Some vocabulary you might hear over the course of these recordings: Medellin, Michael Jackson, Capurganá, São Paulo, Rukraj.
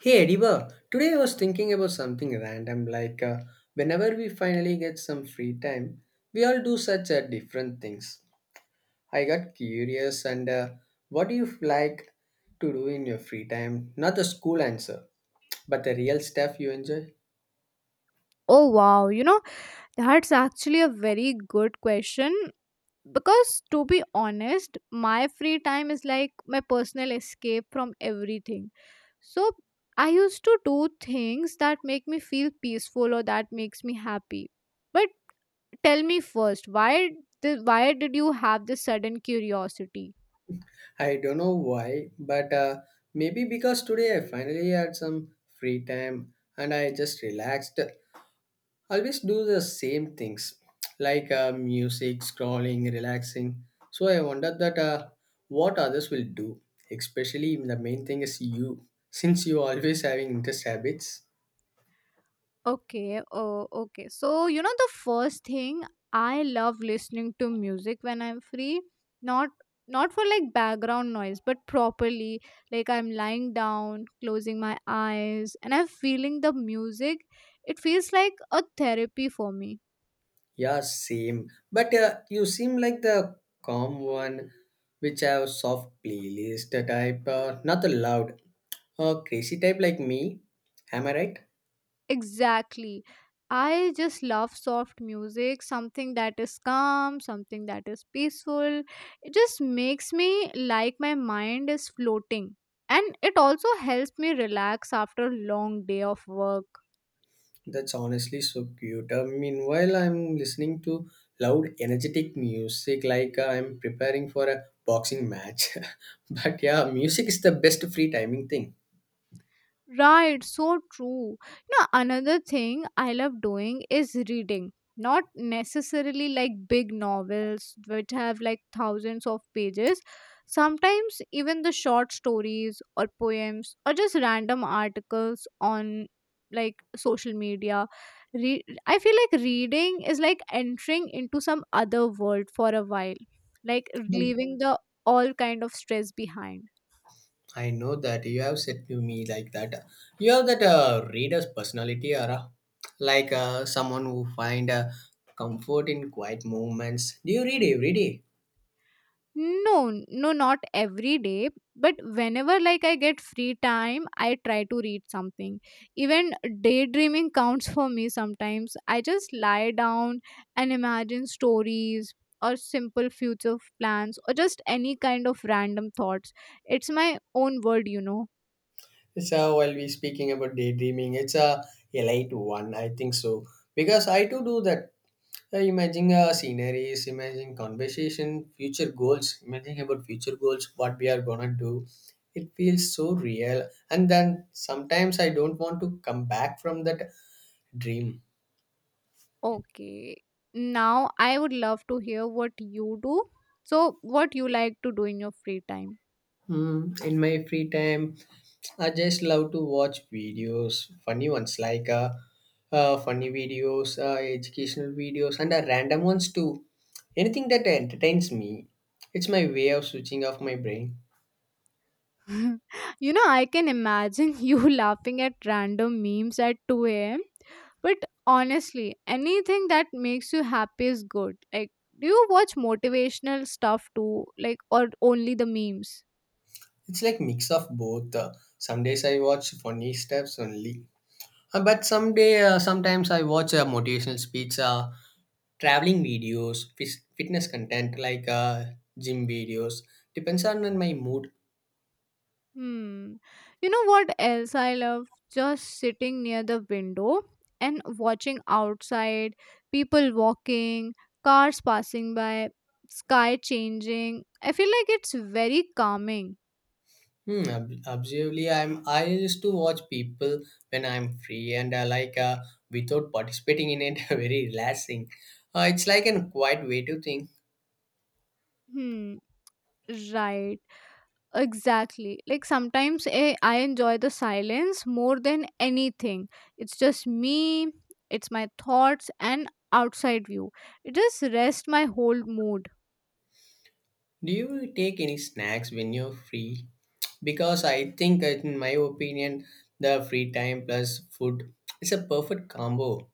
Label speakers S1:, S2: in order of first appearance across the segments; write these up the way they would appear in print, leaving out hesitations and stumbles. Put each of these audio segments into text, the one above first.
S1: Hey Ediver, today I was thinking about something random whenever we finally get some free time, we all do such different things. I got curious and what do you like to do in your free time? Not the school answer, but the real stuff you enjoy.
S2: Oh wow, you know, that's actually a very good question because to be honest, my free time is like my personal escape from everything. So I used to do things that make me feel peaceful or that makes me happy. But tell me first, why did you have this sudden curiosity?
S1: I don't know why, but maybe because today I finally had some free time and I just relaxed always do the same things music scrolling relaxing so I wonder that what others will do, especially the main thing is you, since you always having interest habits.
S2: Okay, oh, okay. So, you know, the first thing I love listening to music when I'm free, not not for like background noise, but properly. Like I'm lying down, closing my eyes, and I'm feeling the music. It feels like a therapy for me.
S1: Yeah, same, but you seem like the calm one which have soft playlist type, not the loud or crazy type like me. Am I right?
S2: Exactly. I just love soft music, something that is calm, something that is peaceful. It just makes me like my mind is floating. And it also helps me relax after a long day of work.
S1: That's honestly so cute. Meanwhile, I'm listening to loud, energetic music like I'm preparing for a boxing match. But yeah, music is the best free timing thing.
S2: Right, so true. You know, another thing I love doing is reading. Not necessarily like big novels which have like thousands of pages. Sometimes even the short stories or poems or just random articles on like social media. I feel like reading is like entering into some other world for a while, like
S1: Mm.
S2: leaving the all kind of stress behind.
S1: I know that you have said to me like that. You have that reader's personality, or like someone who find comfort in quiet moments. Do you read every day?
S2: No, no, not every day, but whenever like I get free time, I try to read something. Even daydreaming counts for me sometimes. I just lie down and imagine stories or simple future plans or just any kind of random thoughts. It's my own world, you know.
S1: It's While we speaking about daydreaming, it's a elite one, I think so, because I too do that. Imagine sceneries, imagine conversation, future goals, imagine about future goals, what we are gonna do. It feels so real. And then sometimes I don't want to come back from that dream.
S2: Okay. Now I would love to hear what you do. So, what you like to do in your free time?
S1: Mm, in my free time, I just love to watch videos, funny ones like funny videos, educational videos, and random ones too. Anything that entertains me. It's my way of switching off my brain.
S2: You know, I can imagine you laughing at random memes at 2 a.m. But honestly, anything that makes you happy is good. Like, do you watch motivational stuff too? Like, or only the memes?
S1: It's like mix of both. Some days I watch funny steps only. But someday, sometimes I watch motivational speech, traveling videos, fitness content like gym videos. Depends on my mood.
S2: Hmm. You know what else I love? Just sitting near the window and watching outside, people walking, cars passing by, sky changing. I feel like it's very calming.
S1: Hmm, obviously, I used to watch people when I'm free and without participating in it, very relaxing. It's like a quiet way to think.
S2: Hmm. Right. Exactly. Like sometimes I enjoy the silence more than anything. It's just me, it's my thoughts, and outside view. It just rests my whole mood.
S1: Do you take any snacks when you're free? Because I think, in my opinion, the free time plus food is a perfect combo.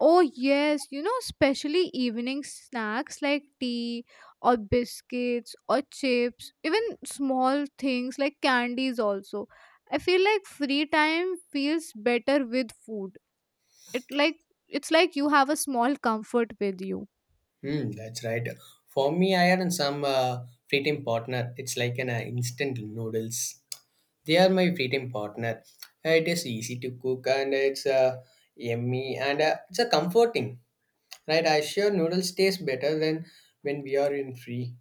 S2: Oh, yes, you know, especially evening snacks like tea or biscuits or chips, even small things like candies, also. I feel like free time feels better with food. It it's like you have a small comfort with you.
S1: Hmm, that's right. For me, I had some free time partner. It's like an instant noodles. They are my free time partner. It is easy to cook and it's yummy and it's a comforting. Right, I sure noodles taste better than when we are in free.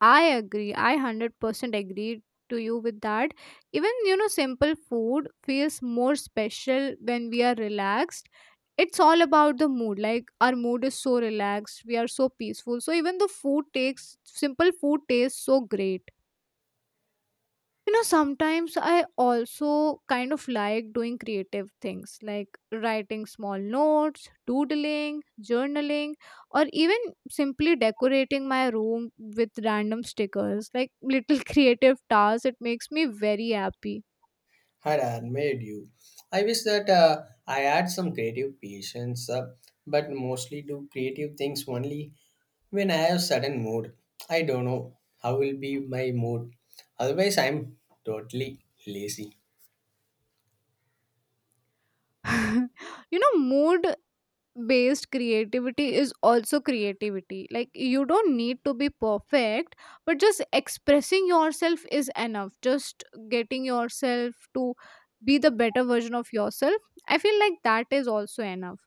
S2: I agree. I 100% agree to you with that. Even, you know, simple food feels more special when we are relaxed. It's all about the mood. Like, our mood is so relaxed, we are so peaceful. So, even the food takes, simple food tastes so great. You know, sometimes I also kind of like doing creative things like writing small notes, doodling, journaling, or even simply decorating my room with random stickers, like little creative tasks. It makes me very happy.
S1: Had made you. I wish that I had some creative patience, but mostly do creative things only when I have sudden mood. I don't know how will be my mood. Otherwise, I'm totally lazy.
S2: You know, mood based creativity is also creativity. Like, you don't need to be perfect, but just expressing yourself is enough, just getting yourself to be the better version of yourself. I feel like that is also enough.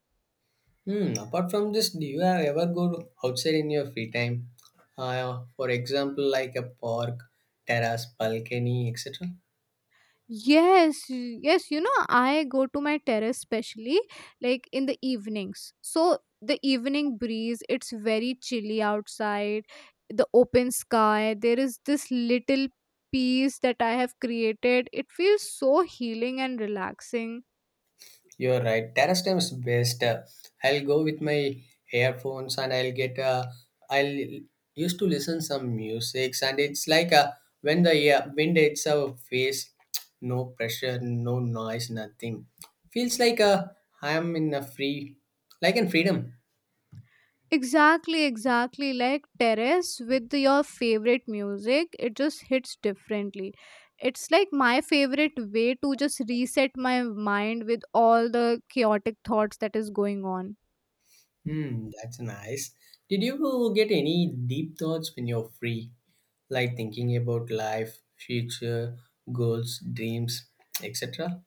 S1: Hmm. Apart from this, do you have ever go outside in your free time? For example, like a park, terrace, balcony, etc.
S2: Yes, yes, you know, I go to my terrace especially like in the evenings. So the evening breeze, it's very chilly outside, the open sky, there is this little peace that I have created. It feels so healing and relaxing.
S1: You're right. Terrace time is best. I'll go with my earphones and I'll get. I'll used to listen some music and it's like when the wind hits our face, no pressure, no noise, nothing. Feels like I am in a free, like in freedom.
S2: Exactly, exactly. Like terrace with your favorite music, it just hits differently. It's like my favorite way to just reset my mind with all the chaotic thoughts that is going on.
S1: Hmm, that's nice. Did you get any deep thoughts when you're free, like thinking about life, future, goals, dreams, etc.?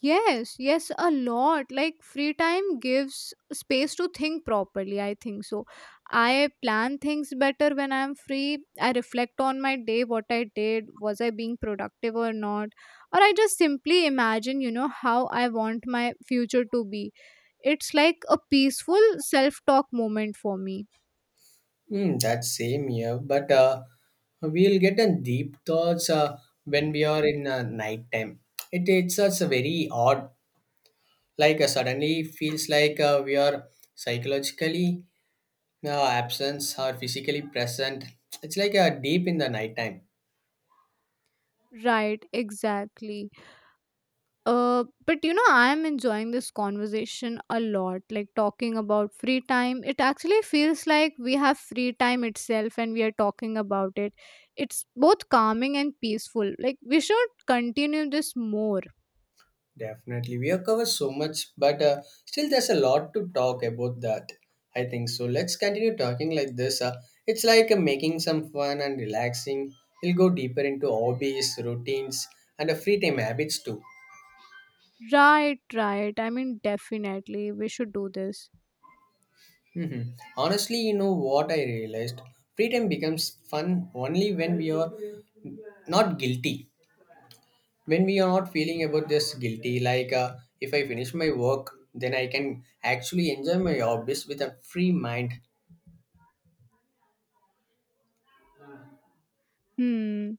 S2: Yes, yes, a lot. Like free time gives space to think properly, I think so. I plan things better when I'm free. I reflect on my day, what I did, was I being productive or not? Or I just simply imagine, you know, how I want my future to be. It's like a peaceful self talk moment for me.
S1: Hmm, that same year, but we'll get a deep thoughts when we are in night time. It's us very odd. Suddenly feels like we are psychologically absent or physically present. It's like deep in the night time.
S2: Right, exactly. But you know, I'm enjoying this conversation a lot. Like talking about free time, it actually feels like we have free time itself and we are talking about it. It's both calming and peaceful. Like, we should continue this more.
S1: Definitely, we have covered so much, but still, there's a lot to talk about that. I think so. Let's continue talking like this. It's like making some fun and relaxing. We'll go deeper into hobbies, routines, and free time habits too.
S2: Right, right. I mean, definitely, we should do this.
S1: Hmm. Honestly, you know what I realized? Free time becomes fun only when we are not guilty. When we are not feeling about this guilty, if I finish my work, then I can actually enjoy my hobbies with a free mind.
S2: Hmm.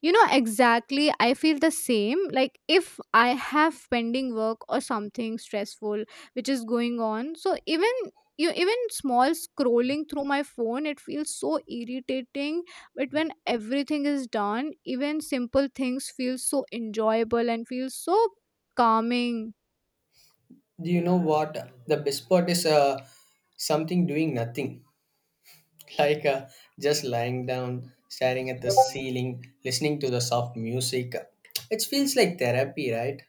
S2: You know, exactly. I feel the same. Like, if I have pending work or something stressful which is going on, so even you even small scrolling through my phone, it feels so irritating. But when everything is done, even simple things feel so enjoyable and feel so calming.
S1: Do you know what? The best part is something doing nothing, like uh, just lying down, staring at the ceiling, listening to the soft music. It feels like therapy, right?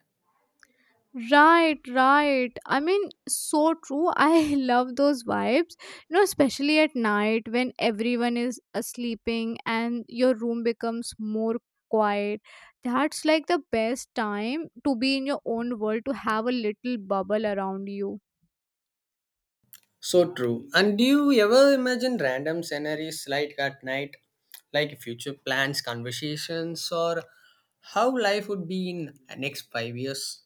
S2: Right, right. I mean, so true. I love those vibes. You know, especially at night when everyone is sleeping and your room becomes more quiet. That's like the best time to be in your own world, to have a little bubble around you.
S1: So true. And do you ever imagine random scenarios like at night, like future plans, conversations, or how life would be in next 5 years?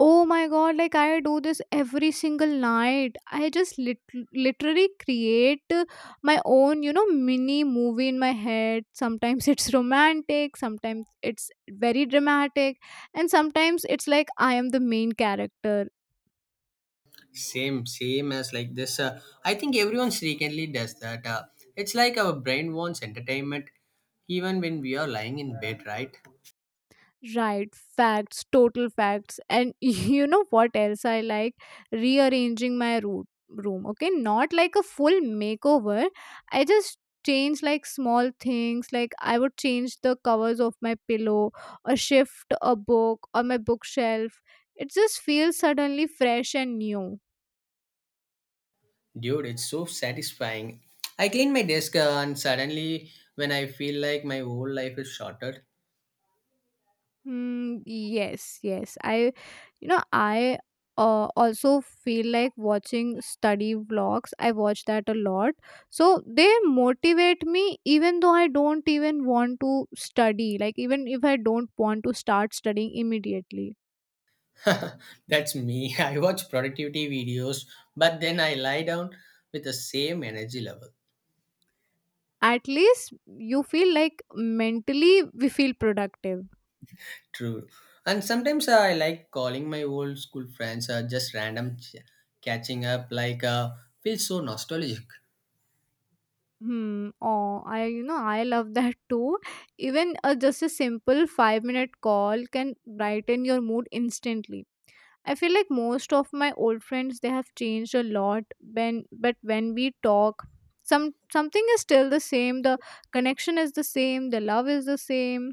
S2: Oh my god, like I do this every single night. I just literally create my own, you know, mini movie in my head. Sometimes it's romantic, sometimes it's very dramatic, and sometimes it's like I am the main character.
S1: Same, same as like this, I think everyone frequently does that, it's like our brain wants entertainment even when we are lying in bed, right?
S2: Right, facts, total facts. And you know what else I like? Rearranging my root room. Okay, not like a full makeover. I just change like small things, like I would change the covers of my pillow or shift a book or my bookshelf. It just feels suddenly fresh and new.
S1: Dude, it's so satisfying. I clean my desk, and suddenly when I feel like my whole life is shorter.
S2: Mm, yes, yes. You know, I also feel like watching study vlogs. I watch that a lot. So they motivate me even though I don't even want to study. Like, even if I don't want to start studying immediately,
S1: That's me, I watch productivity videos but then I lie down with the same energy level.
S2: at least you feel like mentally we feel productive.
S1: True. And sometimes I like calling my old school friends, just random catching up, like, feels so nostalgic.
S2: Hmm. Oh, I you know, I love that too. Even a just a simple 5 minute call can brighten your mood instantly. I feel like most of my old friends, they have changed a lot. When but when we talk, something is still the same. The connection is the same, the love is the same.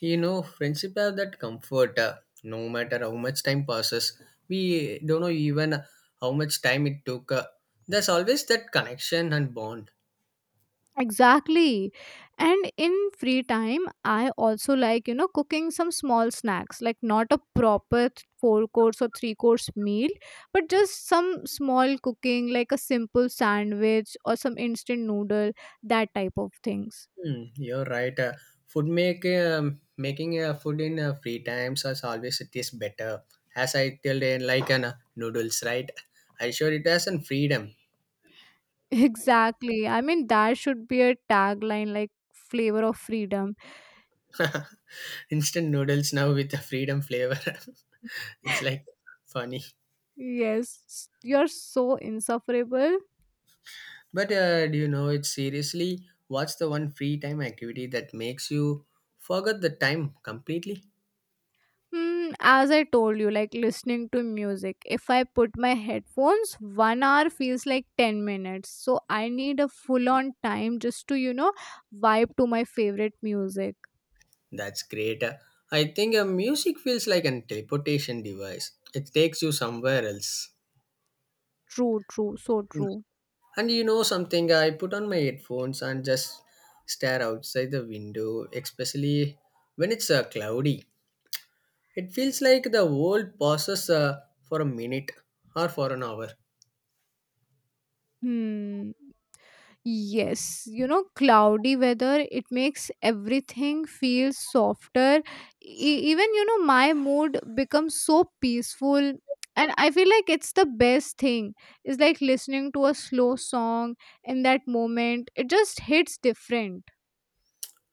S1: You know, friendship have that comfort, no matter how much time passes. We don't know even how much time it took. There's always that connection and bond.
S2: Exactly. And in free time, I also like, you know, cooking some small snacks, like not a proper four course or three course meal, but just some small cooking, like a simple sandwich or some instant noodle, that type of things.
S1: Hmm, you're right. Food make making food in free times as always it is better. As I tell, like an noodles, right? I sure it has an freedom.
S2: Exactly. I mean, that should be a tagline like flavor of freedom.
S1: Instant noodles now with a freedom flavor. It's like funny.
S2: Yes, you're so insufferable.
S1: But do you know it seriously? What's the one free time activity that makes you forget the time completely?
S2: Mm, as I told you, like listening to music, if I put my headphones, 1 hour feels like 10 minutes. So I need a full on time just to, you know, vibe to my favorite music.
S1: That's great. I think music feels like a teleportation device. It takes you somewhere else.
S2: True, true, so
S1: Mm.
S2: true.
S1: And you know something, I put on my headphones and just stare outside the window, especially when it's cloudy. It feels like the world pauses for a minute or for an hour.
S2: Hmm. Yes, you know, cloudy weather, it makes everything feel softer. Even, you know, my mood becomes so peaceful. And I feel like it's the best thing. It's like listening to a slow song in that moment. It just hits different.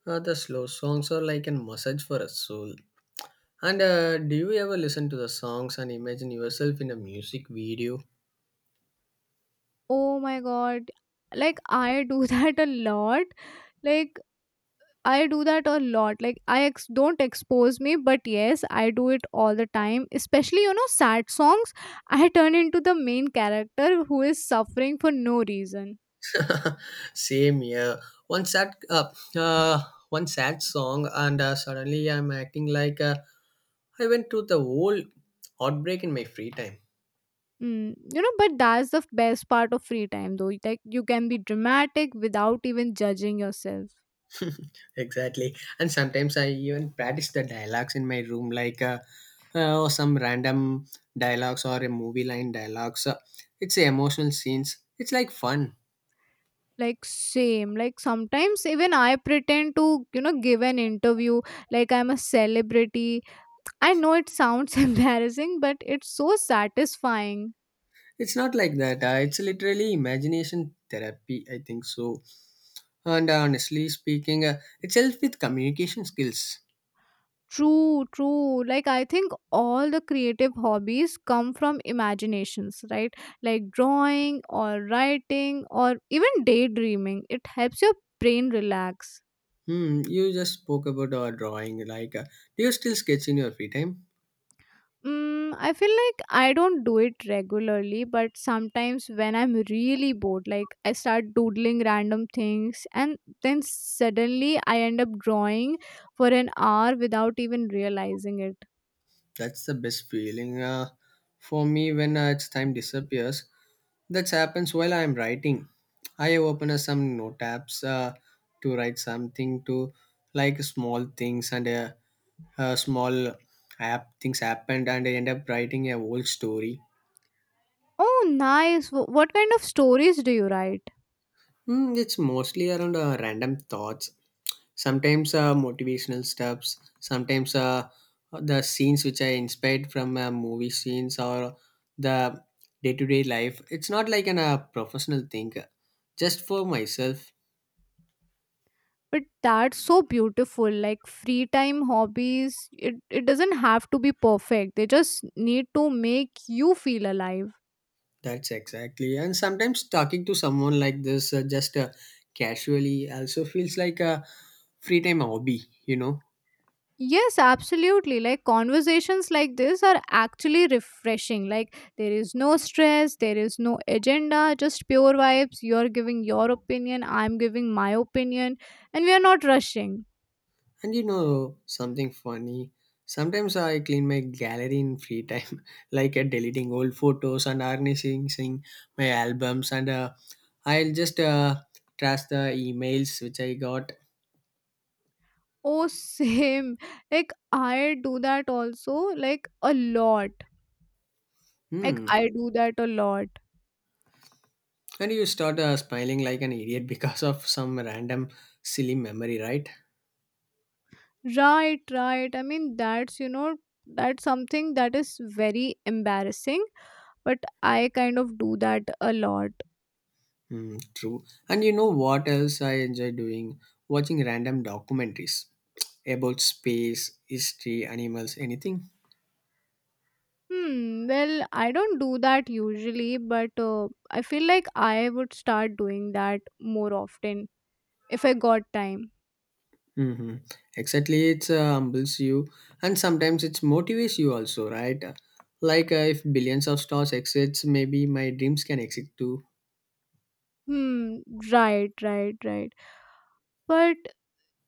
S1: The slow songs are like a massage for a soul. And do you ever listen to the songs and imagine yourself in a music video?
S2: Oh my god. Like, I do that a lot. Like, I do that a lot. Like I don't expose me, but yes, I do it all the time. Especially you know sad songs, I turn into the main character who is suffering for no reason.
S1: Same here. One sad, uh, uh, one sad song, and suddenly I'm acting like I went through the whole outbreak in my free time.
S2: Mm, you know, but that's the best part of free time though. Like you can be dramatic without even judging yourself.
S1: Exactly. And sometimes I even practice the dialogues in my room, like or some random dialogues or a movie line dialogues. It's emotional scenes. It's like fun.
S2: Like same. Like sometimes even I pretend to, you know, give an interview like I'm a celebrity. I know it sounds embarrassing, but it's so satisfying.
S1: It's not like that. It's literally imagination therapy, I think so. And honestly speaking, it's helps with communication skills.
S2: True, true. Like, I think all the creative hobbies come from imaginations, right? Like drawing or writing or even daydreaming. It helps your brain relax.
S1: Hmm, you just spoke about our drawing. Like, do you still sketch in your free time?
S2: Mm, I feel like I don't do it regularly, but sometimes when I'm really bored, like I start doodling random things, and then suddenly I end up drawing for an hour without even realizing it.
S1: That's the best feeling for me when its time disappears. That happens while I'm writing. I open some note apps to write something to like small things and small app things happened and I end up writing a whole story.
S2: Oh, nice. What kind of stories do you write?
S1: Mm, it's mostly around random thoughts, sometimes motivational stuffs, sometimes the scenes which are inspired from movie scenes or the day-to-day life. It's not like an professional thing, just for myself.
S2: But that's so beautiful. Like, free time hobbies, it doesn't have to be perfect. They just need to make you feel alive.
S1: That's exactly, and sometimes talking to someone like this, just casually also feels like a free time hobby, you know.
S2: Yes, absolutely. Like conversations like this are actually refreshing. Like, there is no stress, there is no agenda, just pure vibes. You're giving your opinion, I'm giving my opinion, and we are not rushing.
S1: And you know something funny? Sometimes I clean my gallery in free time, deleting old photos and organizing my albums, and I'll just trash the emails which I got.
S2: Oh, same. Like, I do that also, like, a lot. Like,
S1: Hmm.
S2: I do that a lot.
S1: And you start smiling like an idiot because of some random silly memory, right?
S2: Right, right. I mean, that's, you know, that's something that is very embarrassing, but I kind of do that a lot.
S1: Hmm. True. And you know what else I enjoy doing? Watching random documentaries about space, history, animals, anything.
S2: Hmm, well, I don't do that usually, but I feel like I would start doing that more often if I got time.
S1: Mm-hmm. Exactly, it humbles you, and sometimes it motivates you also, right? If billions of stars exist, maybe my dreams can exist too.
S2: Hmm, right, right, right. But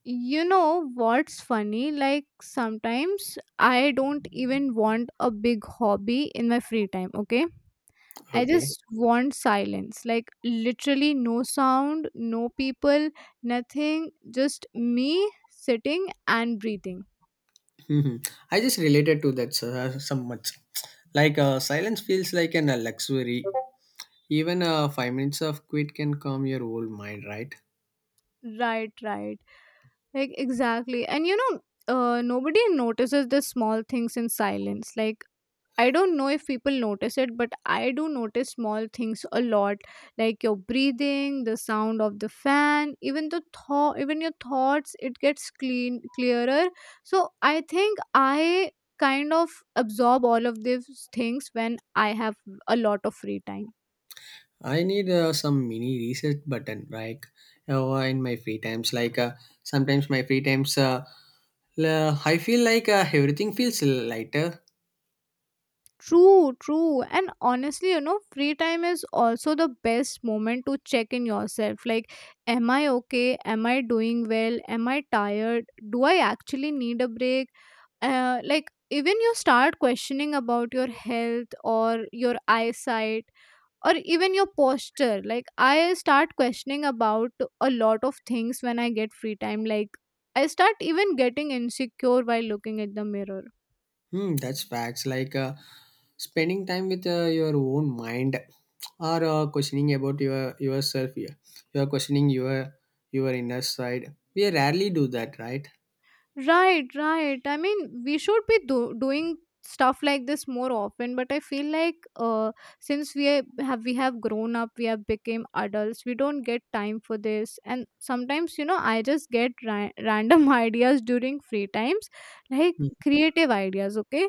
S2: you know what's funny? Like sometimes I don't even want a big hobby in my free time, okay? I
S1: Okay.
S2: just want silence, like literally no sound, no people, nothing, just me sitting and breathing.
S1: Mm-hmm. I just related to that so much. Silence feels like an luxury. Even 5 minutes of quit can calm your old mind, right?
S2: Right, right. Like exactly. And you know, nobody notices the small things in silence. Like I don't know if people notice it, but I do notice small things a lot, like your breathing, the sound of the fan, even your thoughts. It gets clean, clearer. So I think I kind of absorb all of these things when I have a lot of free time.
S1: I need some mini reset button, like in my free times. Sometimes my free times, I feel like everything feels lighter.
S2: True, true. And honestly, you know, free time is also the best moment to check in yourself. Like, am I okay? Am I doing well? Am I tired? Do I actually need a break? Like even you start questioning about your health or your eyesight or even your posture, like I start questioning about a lot of things when I get free time, like I start even getting insecure while looking at the mirror.
S1: Hmm, that's facts. Spending time with your own mind, or questioning about yourself. Here, you are questioning your inner side. We rarely do that, right?
S2: Right, right. I mean, we should be doing stuff like this more often, but I feel like since we have grown up, we have become adults, we don't get time for this. And sometimes, you know, I just get random ideas during free times, like
S1: Hmm.
S2: creative ideas, okay,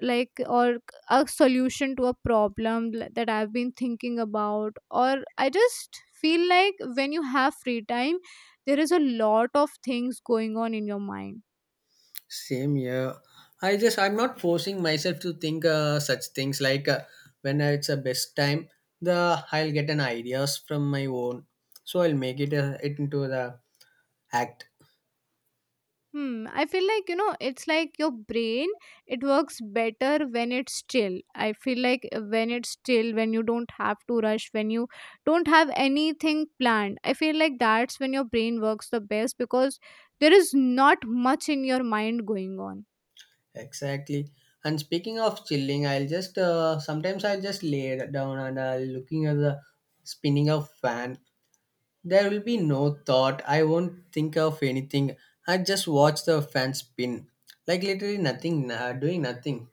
S2: like, or a solution to a problem that I've been thinking about. Or I just feel like when you have free time, there is a lot of things going on in your mind.
S1: Same here. I'm not forcing myself to think such things. When it's a best time, the I'll get an ideas from my own, so I'll make it, it into the act.
S2: Hmm. I feel like, you know, it's like your brain, it works better when it's still. I feel like when it's still, when you don't have to rush, when you don't have anything planned, I feel like that's when your brain works the best, because there is not much in your mind going on.
S1: Exactly. And speaking of chilling, I'll just, sometimes I'll just lay it down and I'll looking at the spinning of fan. There will be no thought. I won't think of anything. I just watch the fan spin, like literally nothing, doing nothing.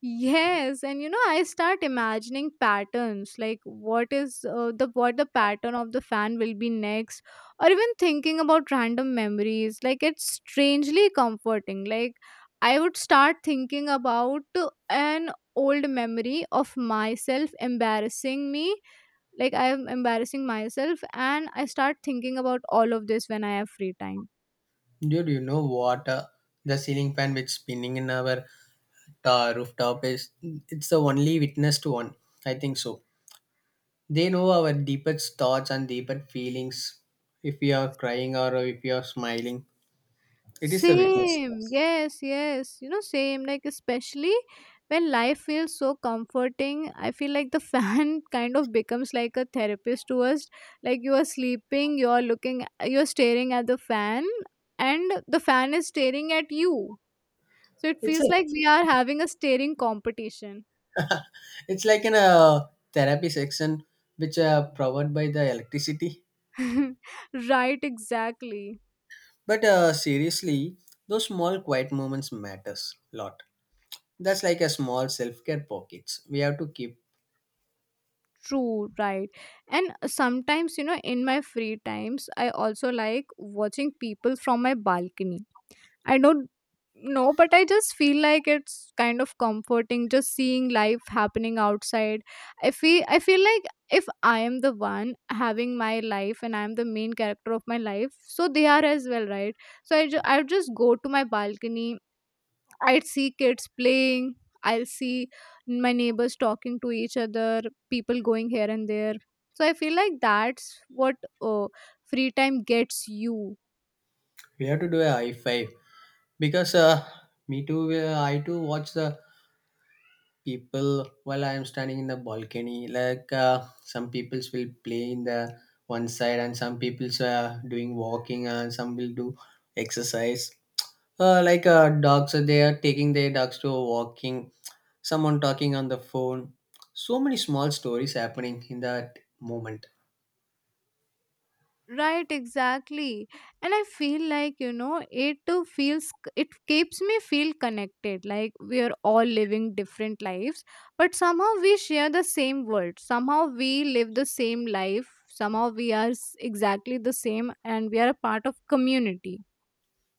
S2: Yes, and you know, I start imagining patterns, like what is the what the pattern of the fan will be next, or even thinking about random memories. Like, it's strangely comforting. Like, I would start thinking about an old memory of myself embarrassing me. Like, I am embarrassing myself, and I start thinking about all of this when I have free time.
S1: Dude, you know what? The ceiling fan which spinning in our rooftop is it's the only witnessed one. I think so. They know our deepest thoughts and deepest feelings. If we are crying or if we are smiling, it is the witness.
S2: Same, yes, yes, you know, same. Like, especially when life feels so comforting, I feel like the fan kind of becomes like a therapist to us. Like, you are sleeping, you're looking, you're staring at the fan, and the fan is staring at you. So, it
S1: It's a,
S2: feels like we are having a staring competition.
S1: it's like in a therapy section which are powered by the electricity.
S2: Right, exactly.
S1: But seriously, those small quiet moments matters a lot. That's like a small self care pockets. We have to keep.
S2: True, right. And sometimes, you know, in my free times, I also like watching people from my balcony. I don't know, but I just feel like it's kind of comforting just seeing life happening outside. I feel like if I am the one having my life and I'm the main character of my life, so they are as well, right? So I would just go to my balcony. I'd see kids playing. I'll see my neighbors talking to each other, people going here and there. So I feel like that's what uh, free time gets you.
S1: We have to do a high five because me too. I too watch the people while I am standing in the balcony. Some peoples will play in the one side and some peoples are doing walking and some will do exercise. Dogs, they are taking their dogs to a walking, someone talking on the phone. So many small stories happening in that moment.
S2: Right, exactly. And I feel like, you know, it keeps me feel connected. Like, we are all living different lives, but somehow we share the same world. Somehow we live the same life. Somehow we are exactly the same, and we are a part of community.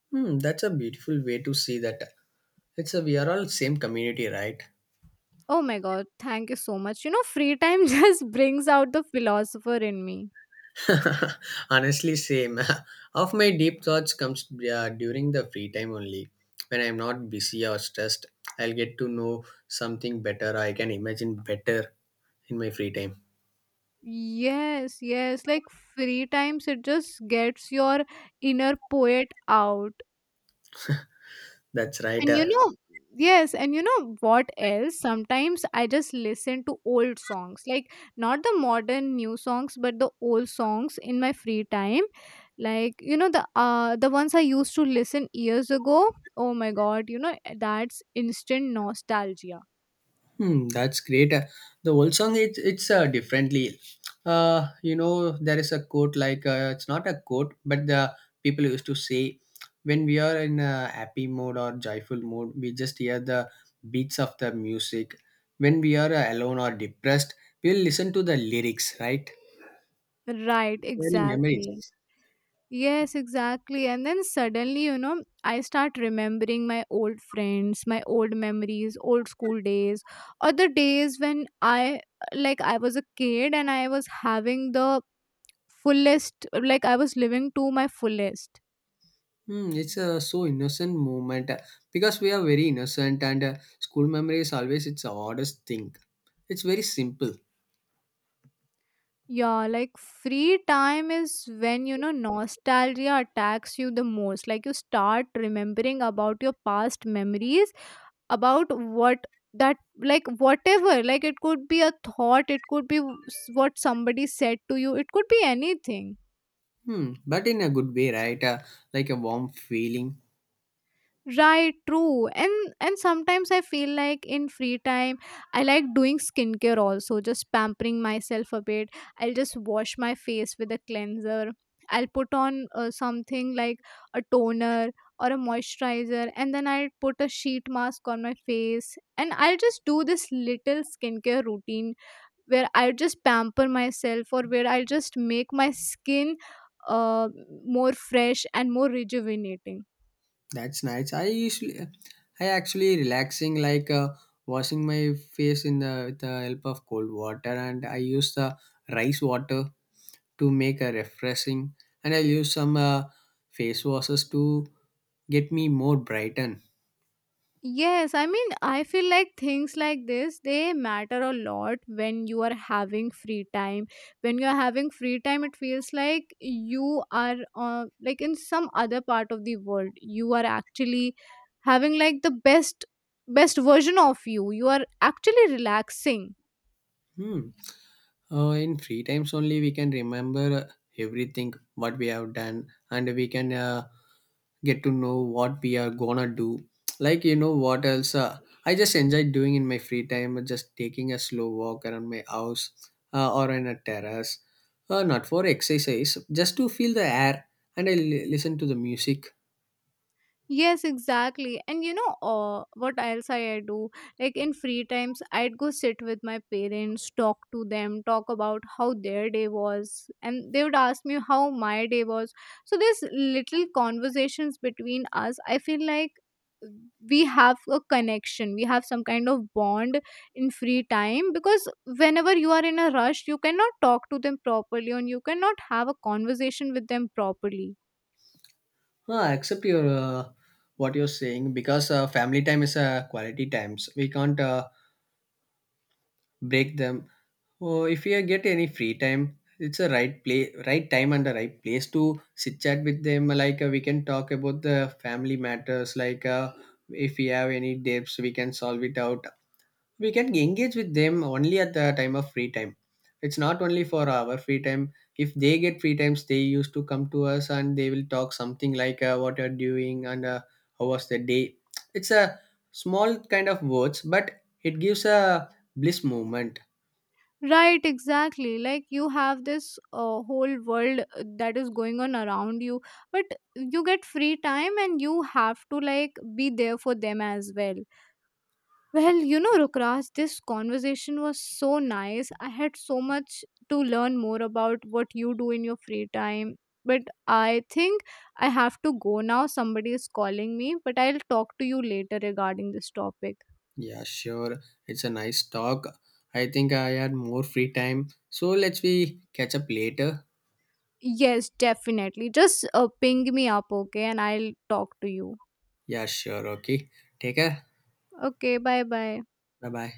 S1: Hmm, that's a beautiful way to see that. We are all same community, right?
S2: Oh my God, thank you so much. You know, free time just brings out the philosopher in me.
S1: Honestly, same. Of my deep thoughts comes during the free time only. When I'm not busy or stressed, I'll get to know something better. I can imagine better in my free time.
S2: Yes, yes. Like, free times, it just gets your inner poet out.
S1: That's right.
S2: And you know, yes, and you know what else? Sometimes I just listen to old songs, like not the modern new songs, but the old songs in my free time. Like, you know, the ones I used to listen years ago. Oh my god, you know, that's instant nostalgia.
S1: Hmm, that's great. The old song it's differently. You know there is a quote like, it's not a quote, but the people used to say, when we are in a happy mode or joyful mode, we just hear the beats of the music. When we are alone or depressed, we'll listen to the lyrics, right?
S2: Right,
S1: Very memories.
S2: exactly. Yes, exactly. And then suddenly, you know, I start remembering my old friends, my old memories, old school days, or the days when I, like, I was a kid and I was having the fullest, like, I was living to my fullest.
S1: Hmm, it's a so innocent moment because we are very innocent and school memory is always its oddest thing. It's very simple.
S2: Yeah, like, free time is when, you know, nostalgia attacks you the most. Like, you start remembering about your past memories about what that like, whatever, like, it could be a thought, it could be what somebody said to you, it could be anything.
S1: Hmm, but in a good way, right? Like a warm feeling.
S2: Right, true. And sometimes I feel like in free time, I like doing skincare also, just pampering myself a bit. I'll just wash my face with a cleanser. I'll put on something like a toner or a moisturizer, and then I'll put a sheet mask on my face, and I'll just do this little skincare routine where I just pamper myself, or where I just make my skin uh, more fresh and more rejuvenating.
S1: That's nice. I usually, I actually relaxing like washing my face in the with the help of cold water, and I use the rice water to make a refreshing, and I use some face washes to get me more brightened.
S2: Yes, I mean, I feel like things like this, they matter a lot when you are having free time. When you're having free time, it feels like you are like in some other part of the world. You are actually having like the best version of you. You are actually relaxing.
S1: Hmm. In free times only, we can remember everything what we have done, and we can get to know what we are gonna do. Like you know what else? I just enjoy doing in my free time, just taking a slow walk around my house or in a terrace. Not for exercise, just to feel the air, and listen to the music.
S2: Yes, exactly. And you know what else I do? Like, in free times, I'd go sit with my parents, talk to them, talk about how their day was, and they would ask me how my day was. So these little conversations between us, I feel like we have a connection, we have some kind of bond in free time, because whenever you are in a rush, you cannot talk to them properly, and you cannot have a conversation with them properly.
S1: Ah, accept your what you're saying because family time is quality times. We can't break them. Oh, if you get any free time, it's a right play, right time and the right place to sit chat with them. We can talk about the family matters. If we have any debts, we can solve it out. We can engage with them only at the time of free time. It's not only for our free time. If they get free times, they used to come to us and they will talk something like what you're doing and how was the day. It's a small kind of words, but it gives a bliss moment.
S2: Right, exactly. Like, you have this whole world that is going on around you, but you get free time and you have to like be there for them as well. Well, you know, Rukraj, this conversation was so nice. I had so much to learn more about what you do in your free time. But I think I have to go now. Somebody is calling me, but I'll talk to you later regarding this topic.
S1: Yeah, sure. It's a nice talk. I think I had more free time. So let's we catch up later.
S2: Yes, definitely. Just ping me up, okay, and I'll talk to you.
S1: Yeah, sure. Okay. Take care.
S2: Okay, bye bye.
S1: Bye bye.